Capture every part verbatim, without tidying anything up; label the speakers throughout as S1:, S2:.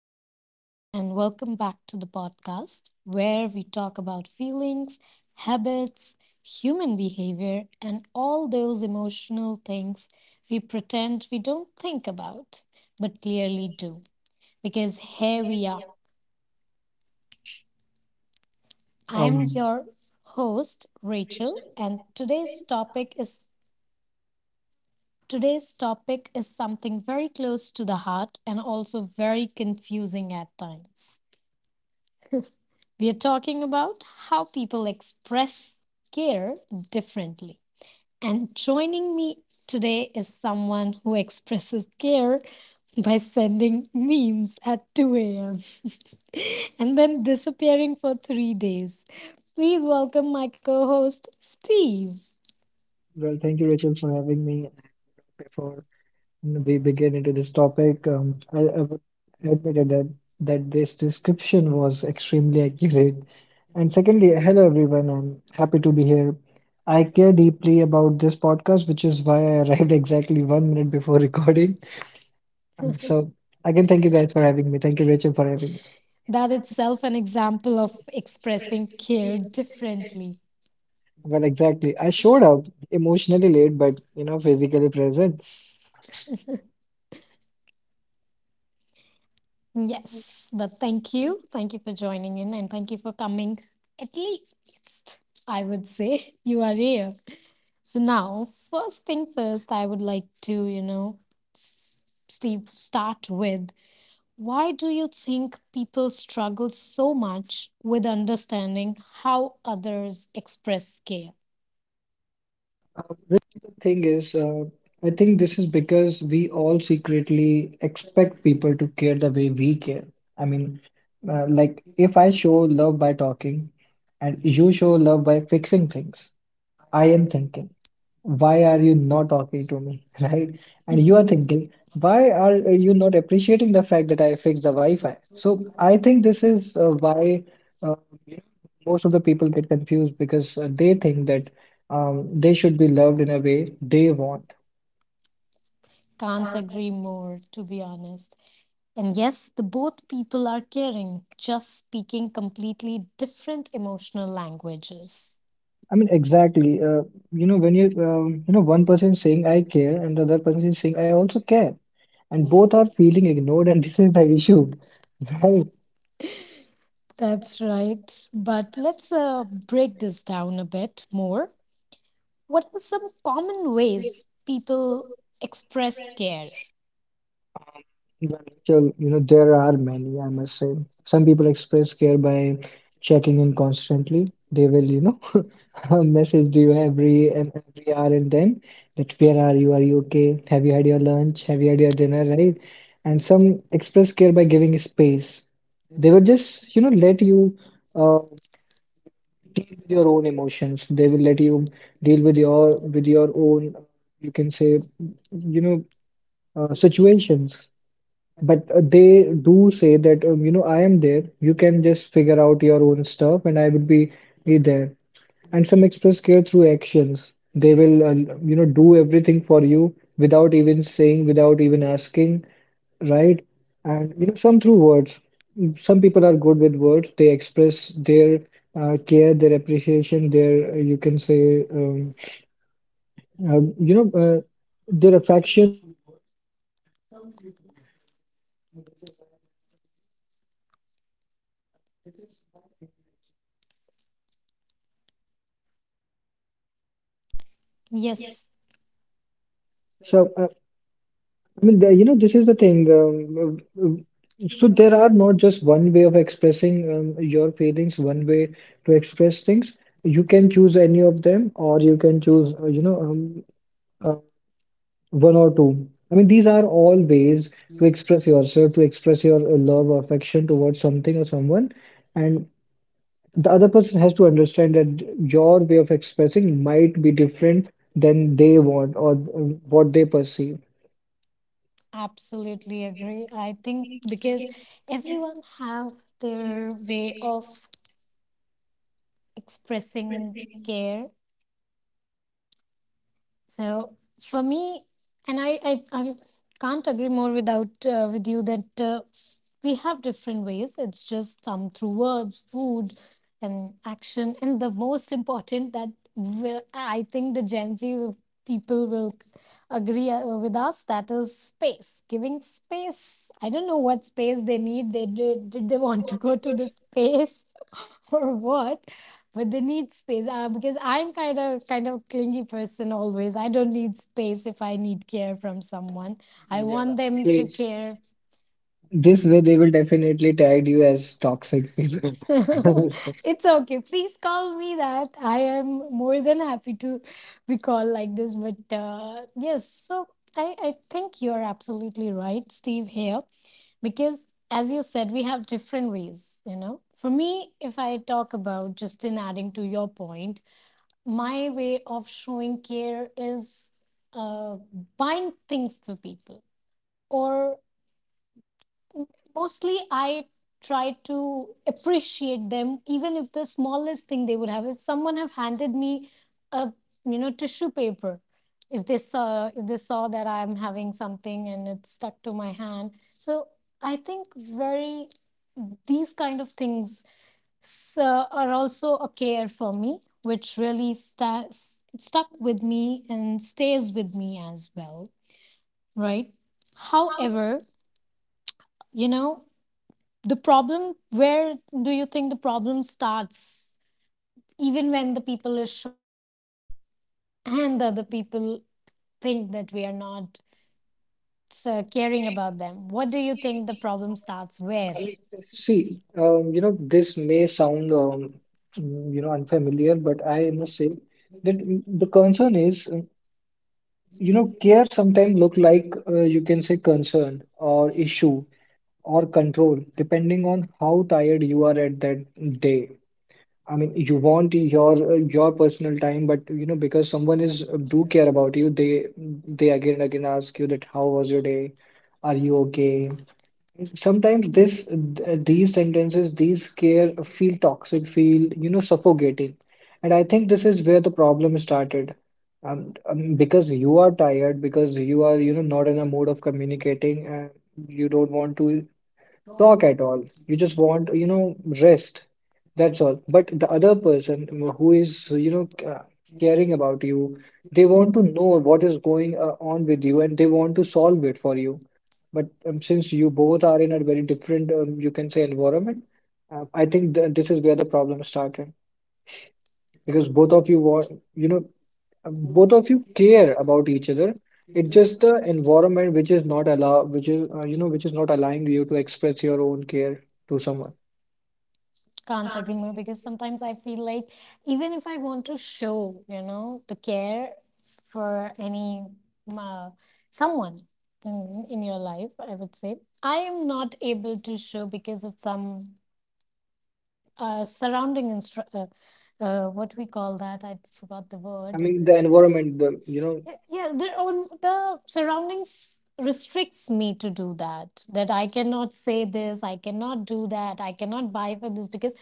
S1: everyone, and welcome back to the podcast where we talk about feelings, habits, human behavior, and all those emotional things we pretend we don't think about but clearly do. Because here we are. I'm
S2: Um,
S1: your host, Rachel, and today's topic is today's topic is something very close to the heart and also very confusing at times. We are talking about how people express care differently. And joining me today is someone who expresses care by sending memes at two a m and then disappearing for three days. Please welcome my co host, Steve.
S2: well, thank you, Rachel, for having me. And before we begin into this topic, um, I, I would admit that that this description was extremely accurate. And secondly, hello everyone. I'm happy to be here. I care deeply about this podcast, which is why I arrived exactly one minute before recording. Um, so again, thank you guys for having me. Thank you, Rachel, for having me.
S1: That itself an example of expressing care differently.
S2: Well, exactly. I showed up emotionally late, but you know, physically present.
S1: Yes, but thank you. Thank you for joining in and thank you for coming. At least, I would say, you are here. So, now, first thing first, I would like to, you know, s- Steve, start with, why do you think people struggle so much with understanding how others express care?
S2: Which the thing is, uh, I think this is because we all secretly expect people to care the way we care. I mean, uh, like if I show love by talking and you show love by fixing things, I am thinking, why are you not talking to me, right? And you are thinking, why are you not appreciating the fact that I fixed the Wi-Fi? So I think this is uh, why uh, you know, most of the people get confused because uh, they think that um, they should be loved in a way they want.
S1: Can't agree more, to be honest. And yes, the both people are caring, just speaking completely different emotional languages.
S2: I mean, exactly. Uh, you know, when you um, you know, one person is saying I care, and the other person is saying I also care, and both are feeling ignored, and this is the issue, right?
S1: That's right. But let's uh, break this down a bit more. What are some common ways people express care?
S2: Well, Rachel, you know, there are many, I must say. Some people express care by checking in constantly. They will, you know, message you every and every hour and then that where are you? Are you okay? Have you had your lunch? Have you had your dinner, right? And some express care by giving space. They will just, you know, let you uh, deal with your own emotions. They will let you deal with your with your own, uh, you can say, you know, uh, situations. But uh, they do say that, um, you know, I am there. You can just figure out your own stuff and I will be, be there. And some express care through actions. They will, uh, you know, do everything for you without even saying, without even asking, right? And, you know, some through words. Some people are good with words. They express their uh, care, their appreciation, their, uh, you can say, um, um, you know, uh, their affection through words and some through food, I would say, uh, which is why my, uh, you know, this is uh, this is my favorite actually.
S1: Yes,
S2: So, uh, I mean, the, you know, this is the thing. Um, uh, uh, so there are not just one way of expressing um, your feelings, one way to express things. You can choose any of them, or you can choose, uh, you know, um, uh, one or two. I mean, these are all ways to express yourself, to express your uh, love or affection towards something or someone. And the other person has to understand that your way of expressing might be different than they want or uh, what they perceive.
S1: absolutely agree. I think because everyone have their way of expressing care. So for me, and I, I, I can't agree more without uh, with you that uh, we have different ways. It's just come through words, food, and action, and the most important that will, I think the Gen Z will, people will agree uh, with us, that is space. Giving space. I don't know what space they need. They did, did they want to go to the space or what? But they need space, uh, because I'm kind of kind of clingy person, always I don't need space. If I need care from someone, I
S2: Yeah,
S1: want them to
S2: great.
S1: care.
S2: This way, they will definitely tag you as toxic people. I mean,
S1: It's okay, please call me that. I am more than happy to be called like this, but uh, yes. So I, I think you're absolutely right, Steve. Here, because as you said, we have different ways. You know, for me, if I talk about, just in adding to your point, my way of showing care is uh, buying things for people, or mostly I try to appreciate them, even if the smallest thing they would have, if someone have handed me a, you know, tissue paper, if they saw, if they saw that I'm having something and it's stuck to my hand. So I think very these kind of things s- uh, are also a care for me, which really sta- s- stuck with me and stays with me as well, right? However, you know, the problem, where do you think the problem starts? Even when the people is showing care, and the other people think that we are not uh, caring about them, what do you think, the problem starts where?
S2: see, um, you know, this may sound, um, mm, you know, unfamiliar, but I must say that mm, the concern is. uh, You know, care sometimes look like uh, you can say concern or issue or control, depending on how tired you are at that day. I mean, you want your uh, your personal time, but you know, because someone is uh, do care about you, they they again and again ask you that how was your day? Are you okay? Sometimes this th- these sentences these care feel toxic feel you know suffocating, and I think this is where the problem started. Um, um, because you are tired because you are you know not in a mood of communicating, and you don't want to talk at all. You just want, you know, rest. That's all. But the other person who is, you know, ca- caring about you, they want to know what is going uh, on with you, and they want to solve it for you. But um, since you both are in a very different, um, you can say, environment, uh, I think th this is where the problem started because both of you want, you know, both of you care about each other. It's just the environment which is not allow, which is uh, you know, which is not allowing you to express your own care to someone.
S1: Can't agree more, because sometimes I feel like, even if I want to show, you know, the care for any, uh, someone in, in your life, I would say, I am not able to show because of some uh, surrounding instru- uh, uh, what we call that, I forgot the
S2: I
S1: word.
S2: mean, the environment, the you know.
S1: Yeah, yeah, their own, the surroundings restricts me to do that. That I cannot say this, I cannot do that, I cannot buy for this because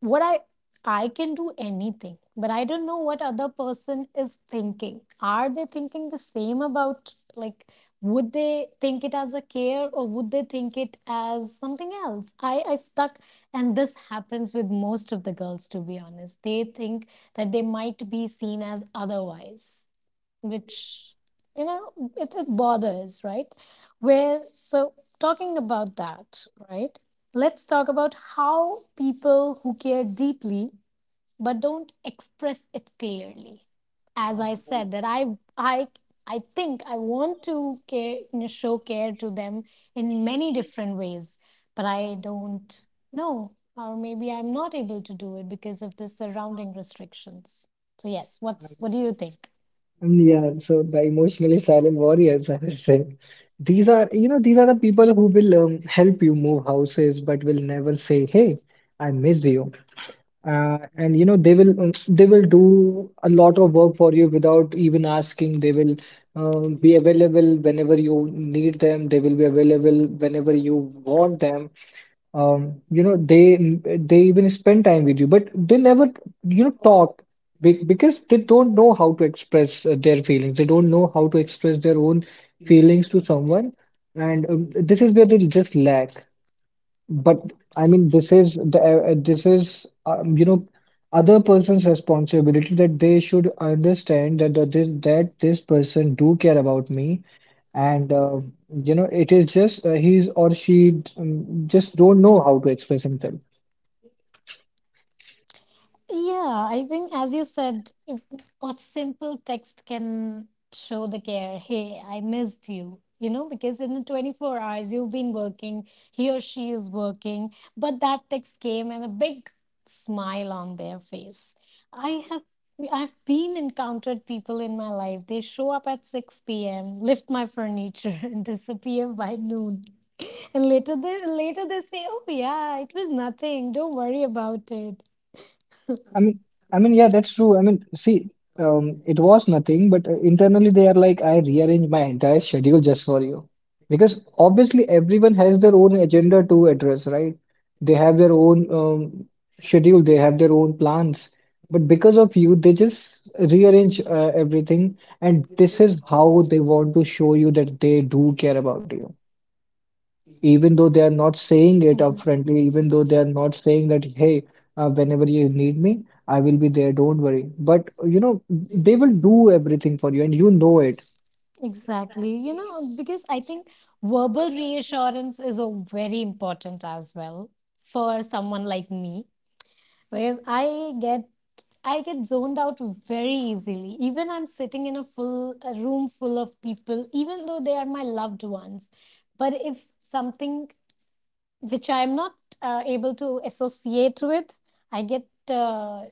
S1: what i i can do anything, but I don't know what other person is thinking. Are they thinking the same about, like, would they think it as a care, or would they think it as something else? I i stuck. And this happens with most of the girls, to be honest. They think that they might be seen as otherwise, which, you know, it, it bothers, right? Where? So talking about that, right, let's talk about how people who care deeply but don't express it clearly. As I said that, i i i think I want to care, you know, show care to them in many different ways, but I don't know, or maybe I'm not able to do it because of the surrounding restrictions. So yes, what's, what do you think?
S2: And yeah, so the emotionally silent warriors, I would say. These are, you know, these are the people who will um, help you move houses but will never say, "Hey, I missed you." Uh, and you know they will um, they will do a lot of work for you without even asking. They will um, be available whenever you need them. They will be available whenever you want them. Um, you know they they even spend time with you, but they never you know talk be- because they don't know how to express uh, their feelings. They don't know how to express their own feelings to someone, and um, this is where they just lack. But I mean, this is the uh, uh, this is um, you know other person's responsibility that they should understand that that this that this person do care about me, and uh, you know it is just uh, he's or she um, just don't know how to express himself.
S1: Yeah, I think as you said, if, what simple text can show the care. Hey, I missed you. You know, because in the twenty-four hours you've been working, he or she is working, but that text came, and a big smile on their face. I have I've been encountered people in my life. They show up at six p m, lift my furniture and disappear by noon. And later they later they say, "Oh yeah, it was nothing. Don't worry about it."
S2: I mean, I mean, yeah, that's true. I mean, see, um, it was nothing, but uh, internally they are like, I rearrange my entire schedule just for you. Because obviously everyone has their own agenda to address, right? They have their own um, schedule, they have their own plans. But because of you, they just rearrange uh, everything, and this is how they want to show you that they do care about you even though they are not saying it upfrontly, even though they are not saying that, hey, uh, whenever you need me, I will be there, don't worry. But you know, they will do everything for you, and you know it.
S1: Exactly. You know, because I think verbal reassurance is a very important as well for someone like me, because I get I get zoned out very easily. Even I'm sitting in a full, a room full of people, even though they are my loved ones. But if something which I'm not uh, able to associate with, I get, uh,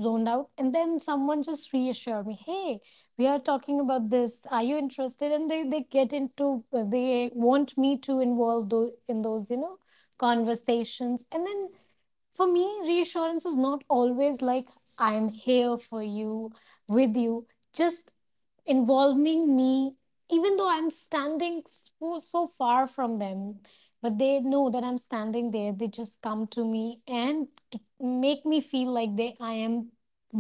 S1: zoned out. And then someone just reassured me, hey, we are talking about this. Are you interested? And they, they get into, they want me to involve those, in those, you know, conversations. And then for me, reassurance is not always like, I am here for you, with you, just involving me, even though I'm standing so, so far from them, but they know that I'm standing there. They just come to me and t- make me feel like they I am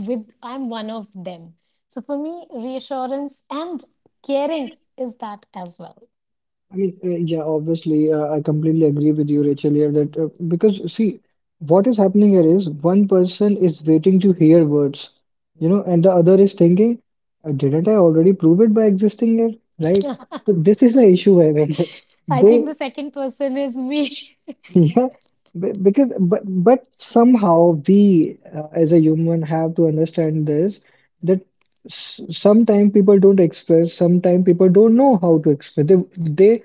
S1: with, I'm one of them. So for me, reassurance and caring is that as well.
S2: I mean, uh, yeah, obviously, uh, I completely agree with you, Rachel, here that uh, because see, what is happening here is one person is waiting to hear words, you know, and the other is thinking, uh, didn't I already prove it by existing here, right? So this is the issue, I mean,
S1: I think the
S2: they
S1: second person is me.
S2: yeah, be- because but but somehow we uh, as a human have to understand this that s- sometimes people don't express, sometimes people don't know how to express. They they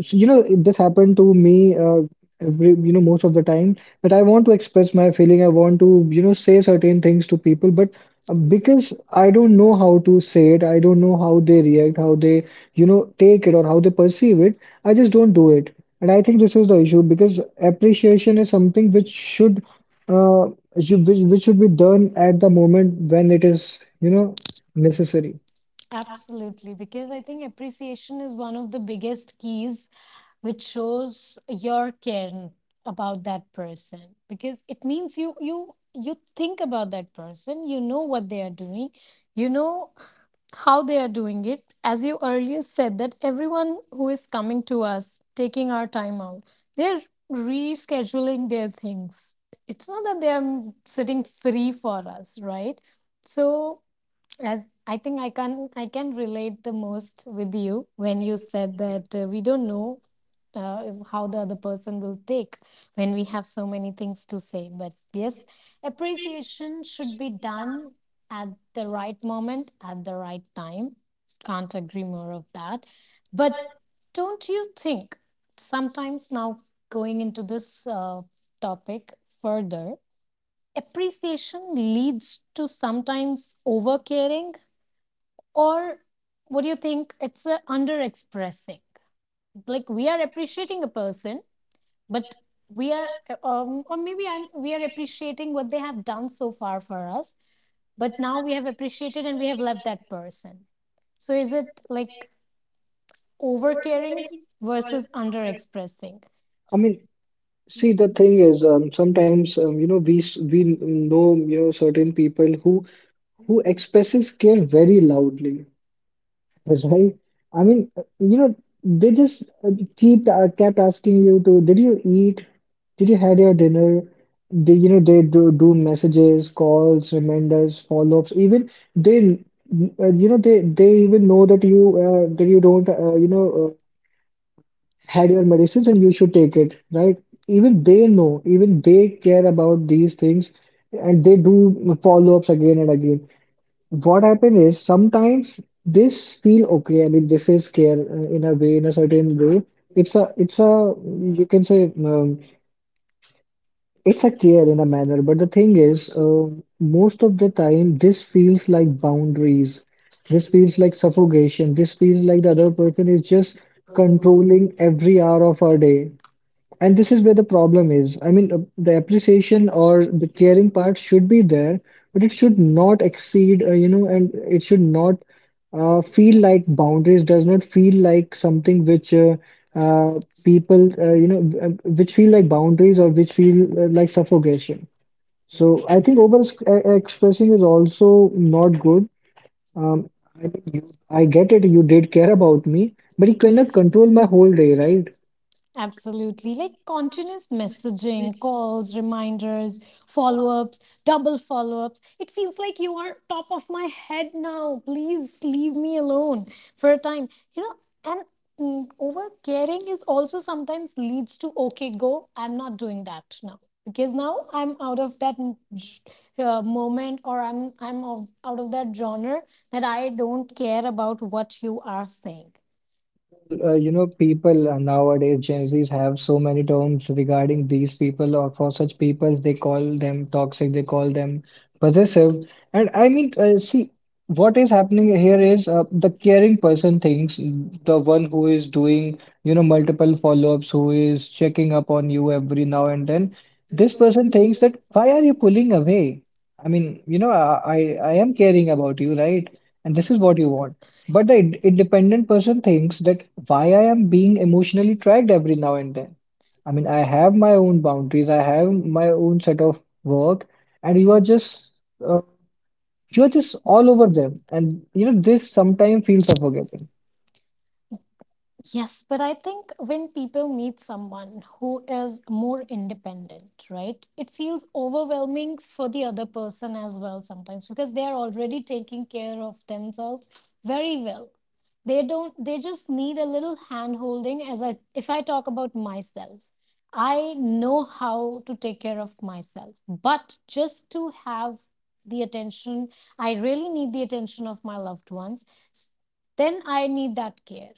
S2: so, you know, it- this happened to me uh, every, you know, most of the time that I want to express my feeling. I want to, you know, say certain things to people, but uh, because I don't know how to say it, I don't know how they react, how they, you know, take it or how they perceive it, I just don't do it. And I think this is the issue because appreciation is something which should, uh, should- which, which should be done at the moment when it is, you know, necessary.
S1: Absolutely, because I think appreciation is one of the biggest keys which shows your care about that person, because it means you you you think about that person, you know what they are doing, you know how they are doing it. As you earlier said, that everyone who is coming to us, taking our time out, they're rescheduling their things. It's not that they are sitting free for us, right? So, as I think, i can i can relate the most with you when you said that uh, we don't know, uh, if, how the other person will take when we have so many things to say. But yes, appreciation should be done at the right moment, at the right time. Can't agree more of that. But don't you think sometimes now, going into this uh, topic further, appreciation leads to, sometimes, over caring, or what do you think, it's a underexpressing. Like we are appreciating a person, but we are, uh, um, or maybe I'm we are appreciating what they have done so far for us, but now we have appreciated and we have left that person. So is it like over caring versus under expressing?
S2: I mean. See, the thing is, um, sometimes um, you know we s- we know you know certain people who who expresses care very loudly, right? I mean, uh, you know, they just uh, keep uh, kept asking you to, did you eat? Did you had your dinner? They, you know, they do, do messages, calls, reminders, follow-ups. Even they, uh, you know, they they even know that you uh, that you don't, uh, you know. uh, had your medicines and you should take it, right? Even they know, even they care about these things, and they do follow-ups again and again. What happened is sometimes this feel okay. I mean, this is care uh, in a way, in a certain way. It's a, it's a, you can say, um, It's a care in a manner. But the thing is, uh, most of the time, this feels like boundaries. This feels like suffocation. This feels like the other person is just controlling every hour of our day, and this is where the problem is. I mean, uh, the appreciation or the caring part should be there, but it should not exceed, uh, you know, and it should not uh, feel like boundaries, does not feel like something which uh, uh, people, uh, you know, w- uh, which feel like boundaries or which feel uh, like suffocation. So I think over ex- uh, expressing is also not good. Um, I mean, you, I get it, you did care about me, but you cannot control my whole day, right?
S1: Absolutely. Like continuous messaging, calls, reminders, follow ups, double follow ups. It feels like you are top of my head now. Please leave me alone for a time. You know, and mm, over caring is also sometimes leads to, okay, go, I'm not doing that now. Because now I'm out of that m- j- uh, moment, or I'm, I'm of, out of that genre, that I don't care about what you are saying.
S2: Well, uh, you know, people uh, nowadays, Gen Zs have so many terms regarding these people, or for such people, they call them toxic, they call them possessive. And I mean, uh, see, what is happening here is uh, the caring person thinks the one who is doing, you know, multiple follow-ups, who is checking up on you every now and then, this person thinks that, why are you pulling away? I mean, you know, I, I, I am caring about you, right? And this is what you want. But the ind- independent person thinks that why I am being emotionally tracked every now and then. I mean, I have my own boundaries, I have my own set of work, and you are just uh, you are just all over them. And you know, this sometimes feels suffocating.
S1: Yes, but I think when people meet someone who is more independent, right, it feels overwhelming for the other person as well sometimes, because they are already taking care of themselves very well. They don't, they just need a little hand holding. As I, if I talk about myself, I know how to take care of myself, but just to have the attention, I really need the attention of my loved ones. s- then I need that care.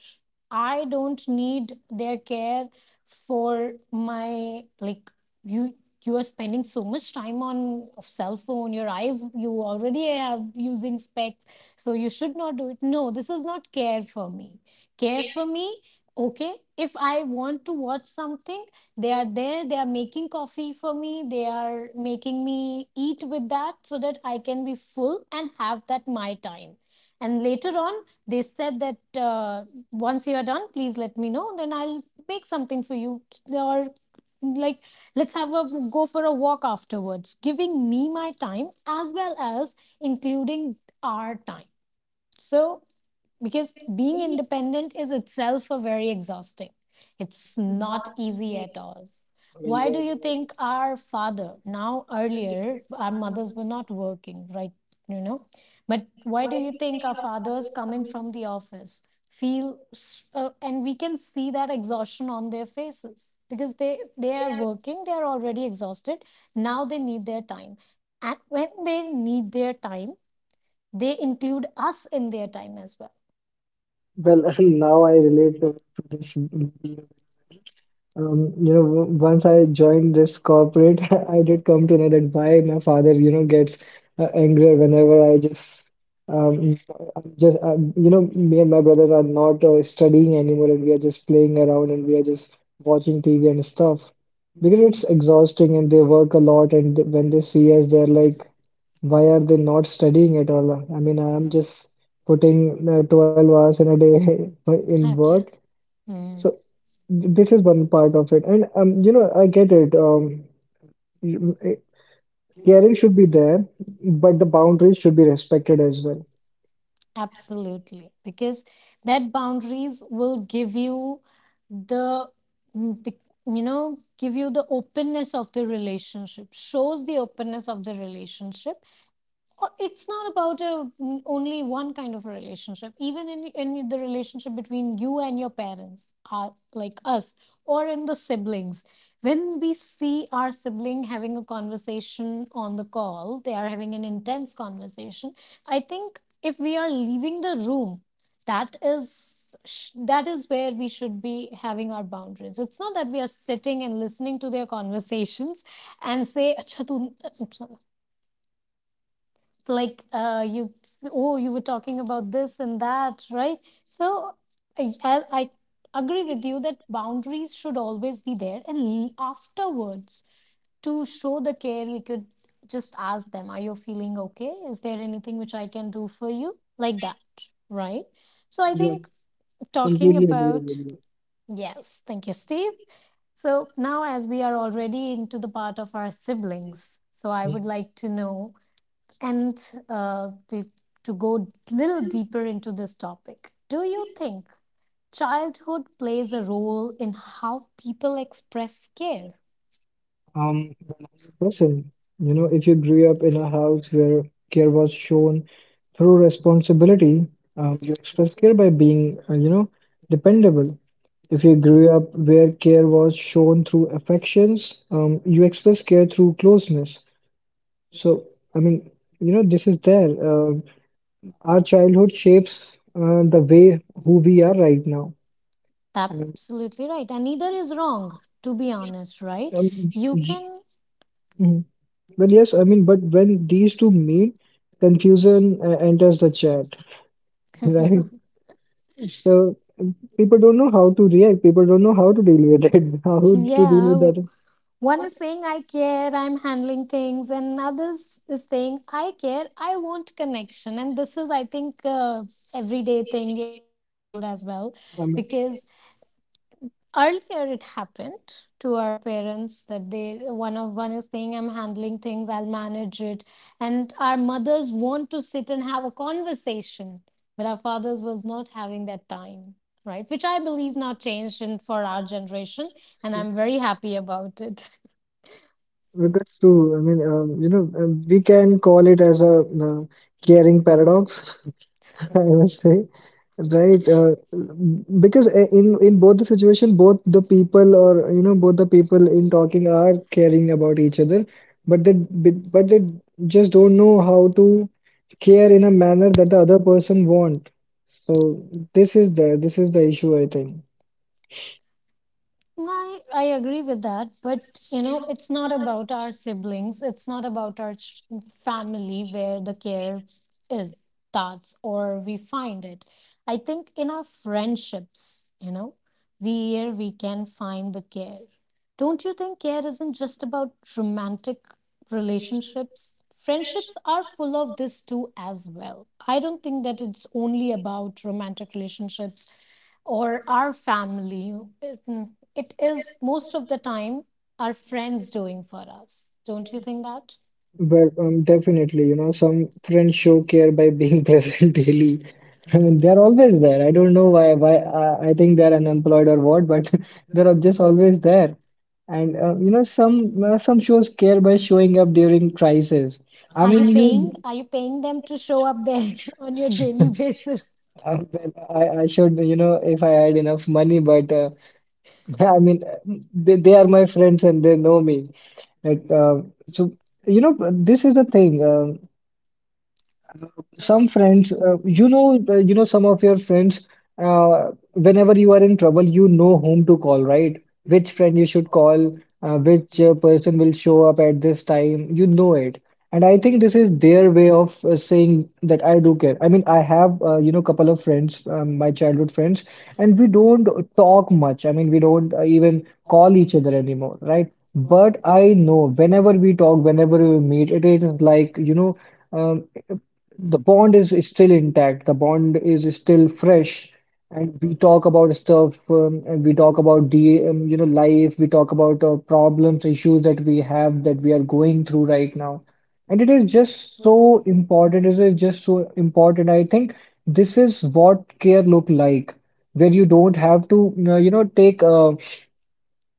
S1: I don't need their care for my, like, you you are spending so much time on of cell phone, your eyes, you already have using specs, so you should not do it. No, this is not care for me. Care for me, okay, if I want to watch something, they are there, they are making coffee for me, they are making me eat with that, so that I can be full and have that, my time. And later on they said that, uh, once you are done, please let me know, then I'll make something for you, or, like, let's have a go for a walk afterwards, giving me my time as well as including our time. So, because being independent is itself a very exhausting, it's not easy at all.
S2: I mean,
S1: Why
S2: yeah,
S1: do you
S2: you know,
S1: think our father now, earlier our mothers were not working, right, you know, but why do you think our fathers, coming from the office, feel, s- uh, and we can see that exhaustion on their faces, because they they are working, they are already exhausted, now they need their time, and when they need their time, they include us in their time as
S2: Well, now I relate to to this. Um, you know, w- once I joined this corporate, I did come to know that why my father, you know, gets uh, angrier whenever I just, um, I'm just, uh, you know, me and my brother are not uh, studying anymore, and we are just playing around, and we are just watching T V and stuff, because it's exhausting, and they work a lot, and th- when they see us, they're like, why are they not studying at all? I mean, I am just putting uh, twelve hours in a day in
S1: well.
S2: work.
S1: Mm,
S2: So. This is one part of it, and um, you know, I get it. Um, you- eh, Caring should be there, but the boundaries should be respected as well.
S1: absolutely, because that boundaries will give you the, mm, bec- you know, give you the openness of the relationship Shows the openness of the relationship. Uh, it's not about a only one kind of a relationship, even in, in the relationship between you and your parents, uh, like us, or in the siblings. When we see our sibling having a conversation on the call, they are having an intense conversation. I think if we are leaving the room, that is sh- that is where we should be having our boundaries. It's not that we are sitting and listening to their conversations and say acha tu, like uh, you oh, you were talking about this and that, right? So I, I I agree with you that boundaries should always be there, and l- afterwards, to show the care, we could just ask them, are you feeling okay, is there anything which I can do for you, like that, right? So I
S2: Yeah,
S1: think talking
S2: completely agree with
S1: about
S2: you.
S1: yes, thank you, Steve. So now, as we are already into the part of our siblings, so I
S2: Yeah.
S1: would like to know. And uh, the, to go a little deeper into this topic, do you think childhood plays a role in how people express care?
S2: Um, a hundred percent. You know, if you grew up in a house where care was shown through responsibility, um, you express care by being, uh, you know, dependable. If you grew up where care was shown through affections, um, you express care through closeness. So, I mean, you know, this is there. Uh, our childhood shapes uh, the way who we are right now. And
S1: Absolutely right. And neither is wrong, to be honest, right?
S2: um,
S1: You
S2: y-
S1: can,
S2: mm. Well, yes, I mean, but when these two meet, confusion uh, enters the chat, right? So um, people don't know how to react. People don't know how to deal with it. How to deal
S1: yeah,
S2: with that?
S1: one is saying, I care, I'm handling things, and others is saying, I care, I want connection. And this is, I think, uh, everyday thing in our household as well,
S2: I mean,
S1: because earlier it happened to our parents that they one of one is saying, I'm handling things, I'll manage it. And our mothers want to sit and have a conversation, but our fathers was not having that time, right? Which I believe now changed in, for our generation, and
S2: that's
S1: I'm very happy about it.
S2: true. I mean, um, you know, um, we can call it as a uh, caring paradox, I must say. Right, uh, because i- in in both the situation, both the people or you know both the people in talking are caring about each other, but they but they just don't know how to care in a manner that the other person want. So this is the this is the issue, I think.
S1: I, I agree with that, but you know, it's not about our siblings. It's not about our ch- family where the care is starts or we find it. I think in our friendships, you know, where we can find the care. Don't you think care isn't just about romantic relationships? Friendships are full of this too as well. I don't think that it's only about romantic relationships or our family. Mm, it is most of the time our friends doing for us. Don't you think that?
S2: But um, definitely, you know, some friends show care by being present daily. I mean, they're always there. I don't know why, why I, I think they're unemployed or what, but they're just always there. And uh, you know, some uh, some shows care by showing up during crisis. I
S1: Are you
S2: mean,
S1: paying?
S2: you,
S1: Are you paying them to show up there on your daily basis?
S2: uh, well, I, I should, you know, if I had enough money, but uh, I mean, uh, they, they are my friends and they know me. Like, uh, so you know, this is the thing. Um some friends uh, you know uh, you know some of your friends, uh, whenever you are in trouble, you know whom to call, right? Which friend you should call, uh, which uh, person will show up at this time, you know it. And I think this is their way of uh, saying that I do care. I mean, I have, uh, you know, couple of friends, um, my childhood friends, and we don't talk much. I mean, we don't uh, even call each other anymore, right? But I know whenever we talk, whenever we meet, it is like, you know, um, the bond is, is still intact, the bond is still fresh. And we talk about stuff, um, and we talk about the um, you know, life. We talk about uh, problems, issues that we have, that we are going through right now. And it is just so important it is just so important, I think. This is what care look like, where you don't have to, you know you know, take uh,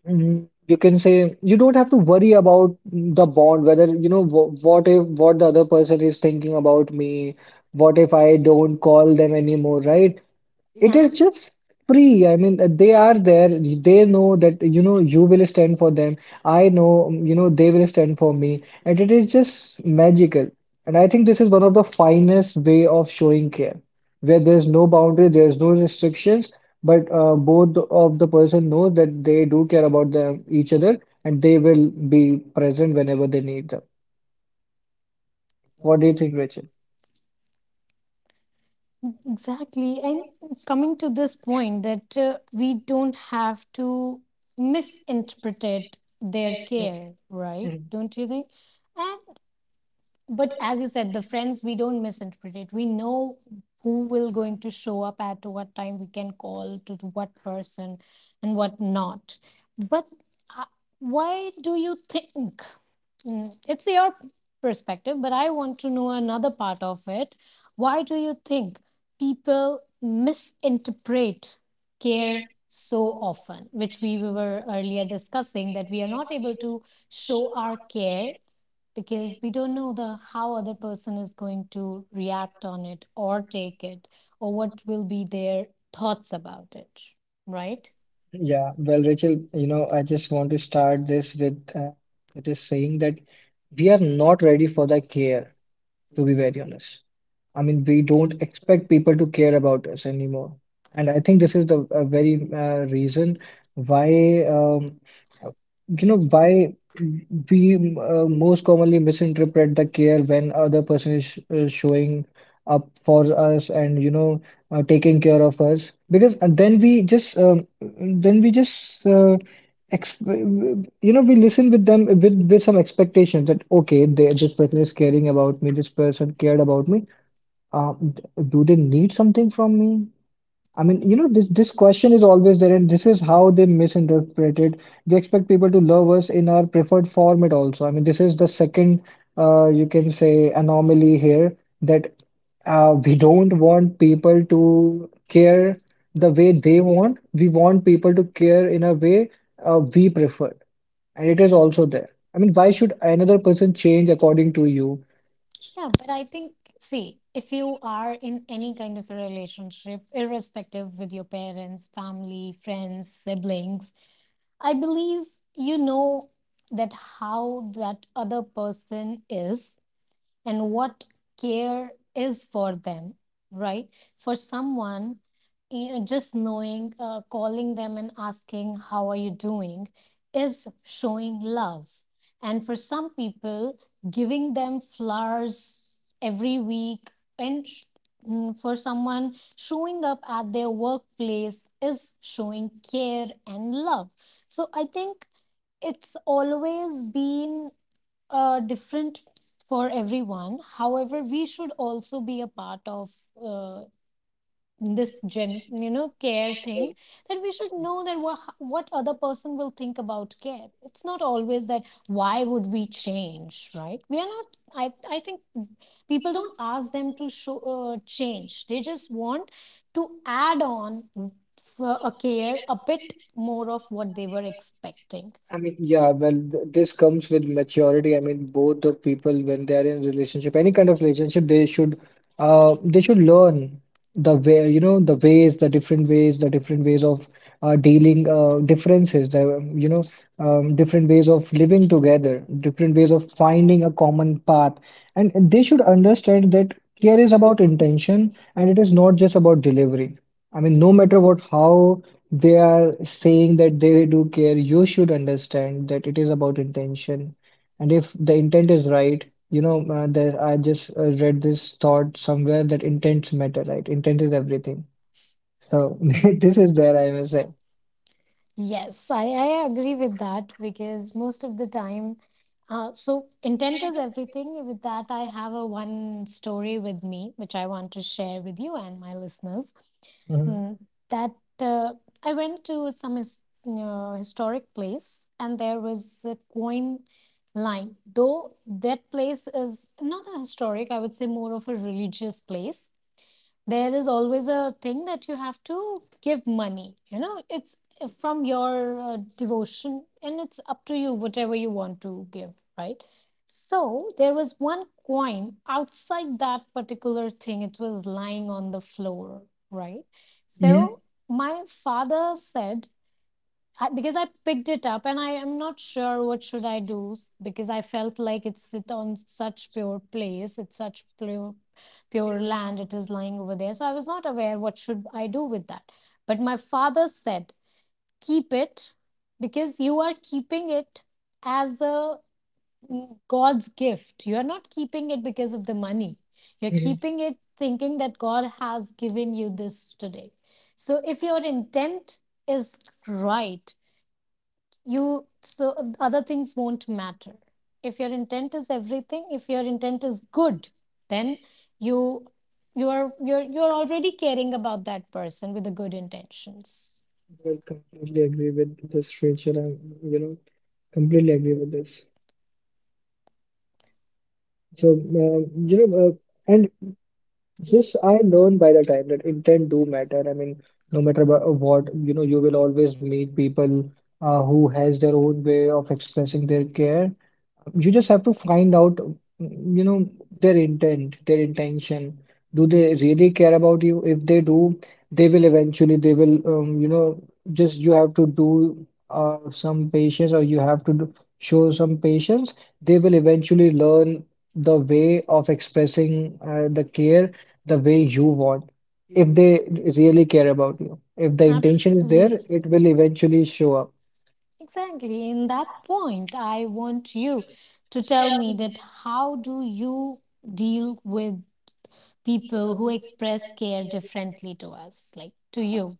S2: mm, you can say, you don't have to worry about the bond, whether, you know, wh what if, what the other person is thinking about me, what if I don't call them anymore, right? It
S1: Yeah,
S2: is just free. I mean, uh, they are there. They know that, you know, you will stand for them. I know, um, you know, they will stand for me. And it is just magical. And I think this is one of the finest way of showing care, where there's no boundary, there's no restrictions, but uh, both of the person know that they do care about them, each other, and they will be present whenever they need them. What do you think, Rachel?
S1: exactly. And coming to this point that uh, we don't have to misinterpret their care, right? Don't you think? And but as you said, the friends, we don't misinterpret it, we know who will going to show up at what time, we can call to the what person and what not. But uh, why do you think, mm, it's your perspective, but I want to know another part of it. Why do you think people misinterpret care so often, which we were earlier discussing, that we are not able to show our care because we don't know the how other person is going to react on it or take it, or what will be their thoughts about it, right?
S2: Yeah, well, Rachel, you know, I just want to start this with uh, it is saying that we are not ready for the care, to be very honest. I mean, we don't expect people to care about us anymore. And I think this is the a very uh, reason why, um, you know, why we, uh, most commonly, misinterpret the care when other person is sh uh, showing up for us and, you know, uh, taking care of us. Because uh, then we just, um, then we just, uh, ex you know, we listen with them with, with some expectation that, okay, they, this person is caring about me, this person cared about me. Uh, d- do they need something from me? I mean, you know, this this question is always there, and this is how they misinterpret it. We expect people to love us in our preferred format also. I mean, this is the second, uh, you can say, anomaly here, that uh, we don't want people to care the way they want. We want people to care in a way uh, we prefer, and it is also there. I mean, why should another person change according to you?
S1: Yeah, but I think, see, if you are in any kind of a relationship, irrespective, with your parents, family, friends, siblings, I believe, you know, that how that other person is and what care is for them, right? For someone, you know, just knowing, uh, calling them and asking, how are you doing, is showing love. And for some people, giving them flowers every week and sh- mm, for someone, showing up at their workplace is showing care and love. So I think it's always been uh, different for everyone. However, we should also be a part of uh, this gen, you know, care thing. That we should know that what what other person will think about care. It's not always that why would we change, right? We are not. I I think people don't ask them to show uh, change. They just want to add on for a care a bit more of what they were expecting.
S2: I mean, yeah, well, th- this comes with maturity. I mean, both the people, when they are in relationship, any kind of relationship, they should, uh, they should learn the way, you know, the ways, the different ways, the different ways of uh, dealing uh, differences, the, you know, um, different ways of living together, different ways of finding a common path, and and they should understand that care is about intention and it is not just about delivery. I mean, no matter what, how they are saying that they do care. You should understand that it is about intention. And if the intent is right, you know, uh, there, I just uh, read this thought somewhere that intents matter, right? Intent is everything. So this is there, I must say.
S1: Yes, I, I agree with that, because most of the time, uh, so intent is everything. With that, I have a one story with me, which I want to share with you and my listeners.
S2: uh
S1: Mm, that uh, I went to some his, you know, historic place, and there was a coin line. Though that place is not a historic, I would say, more of a religious place. There is always a thing that you have to give money, you know, it's uh, from your uh, devotion, and it's up to you whatever you want to give, right? So there was one coin outside that particular thing, it was lying on the floor, right?
S2: Mhm.
S1: So my father said, I, because I picked it up and I am not sure what should I do, s- because I felt like it's it on such pure place, it's such pure pure land it is lying over there. So I was not aware what should I do with that. But my father said, "Keep it, because you are keeping it as a mm, God's gift. You are not keeping it because of the money. You're
S2: Mhm.
S1: keeping it thinking that God has given you this today. So if your intent is right, you so other things won't matter. If your intent is everything, if your intent is good, then you you are you're you're already caring about that person with the good intentions."
S2: I completely agree with this, Rachel. I'm, you know, completely agree with this. So, uh, you know, uh, and this I learned by the time, that intent do matter. I mean, no matter wha- what, you know, you will always meet people, uh, who has their own way of expressing their care. You just have to find out, mm, you know, their intent, their intention. Do they really care about you? If they do, they will eventually, they will, um, you know, just you have to do uh, some patience, or you have to do, show some patience. They will eventually learn the way of expressing uh, the care the way you want. If they really care about you, if the intention is there,
S1: Absolutely,
S2: it will eventually show up.
S1: exactly. In that point, I want you to tell me that how do you deal with people who express care differently to us, like, to you.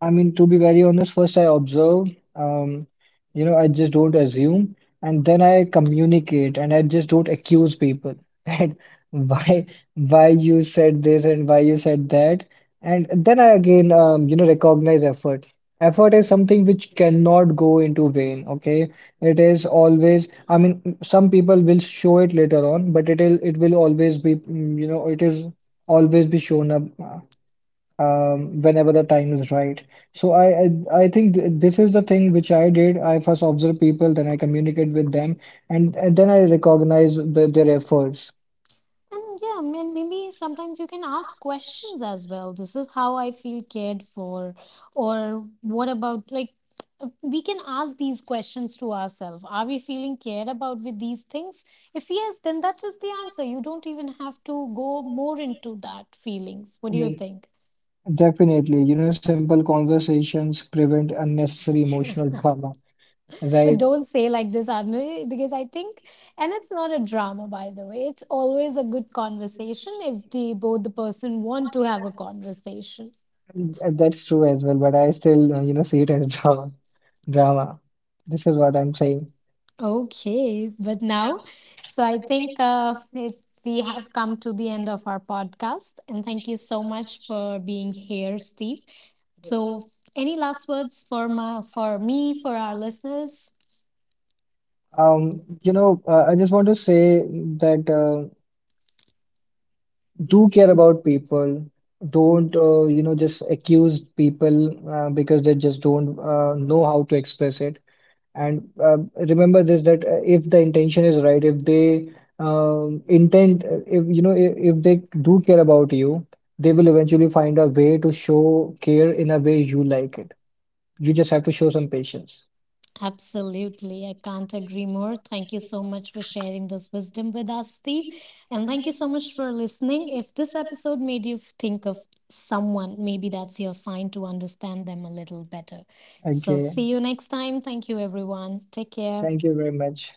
S2: I mean, to be very honest, first I observe, um, you know, I just don't assume, and then I communicate, and I just don't accuse people that why why you said this and why you said that, and then I again, um, you know, recognize effort. Effort is something which cannot go into vain, okay? It is always, I mean, some people will show it later on, but it will it will always be, mm, you know, it is always be shown up. Uh, um, whenever the time is right. So, I, I I think th this is the thing which I did. I first observe people, then I communicate with them, and, and then I recognize the, their efforts.
S1: And yeah, I mean, maybe sometimes you can ask questions as well. This is how I feel cared for, or what about, like, uh, we can ask these questions to ourselves. Are we feeling cared about with these things? If yes, then that is the answer. You don't even have to go more into that feelings. What
S2: I
S1: do you
S2: mean,
S1: think?
S2: definitely, you know, simple conversations prevent unnecessary emotional drama,
S1: But
S2: right?
S1: don't say like this, Anu, because I think, and it's not a drama, by the way. It's always a good conversation if the both the person want to have a conversation.
S2: And that's true as well, but I still, uh, you know, see it as drama. Drama. This is what I'm saying.
S1: Okay, but now, so I think uh, it, we have come to the end of our podcast, and thank you so much for being here, Steve. So, any last words for my for me, for our listeners?
S2: Um, you know, uh, I just want to say that. Uh, do care about people. Don't uh, you know, just accuse people uh, because they just don't uh, know how to express it. And uh, remember this, that uh, if the intention is right, if they um, intend, uh, if you know, if, if they do care about you, they will eventually find a way to show care in a way you like it. You just have to show some patience.
S1: Absolutely. I can't agree more. Thank you so much for sharing this wisdom with us, Steve. And thank you so much for listening. If this episode made you think of someone, maybe that's your sign to understand them a little better. So,
S2: Okay,
S1: see you next time. Thank you, everyone. Take care.
S2: thank you very much.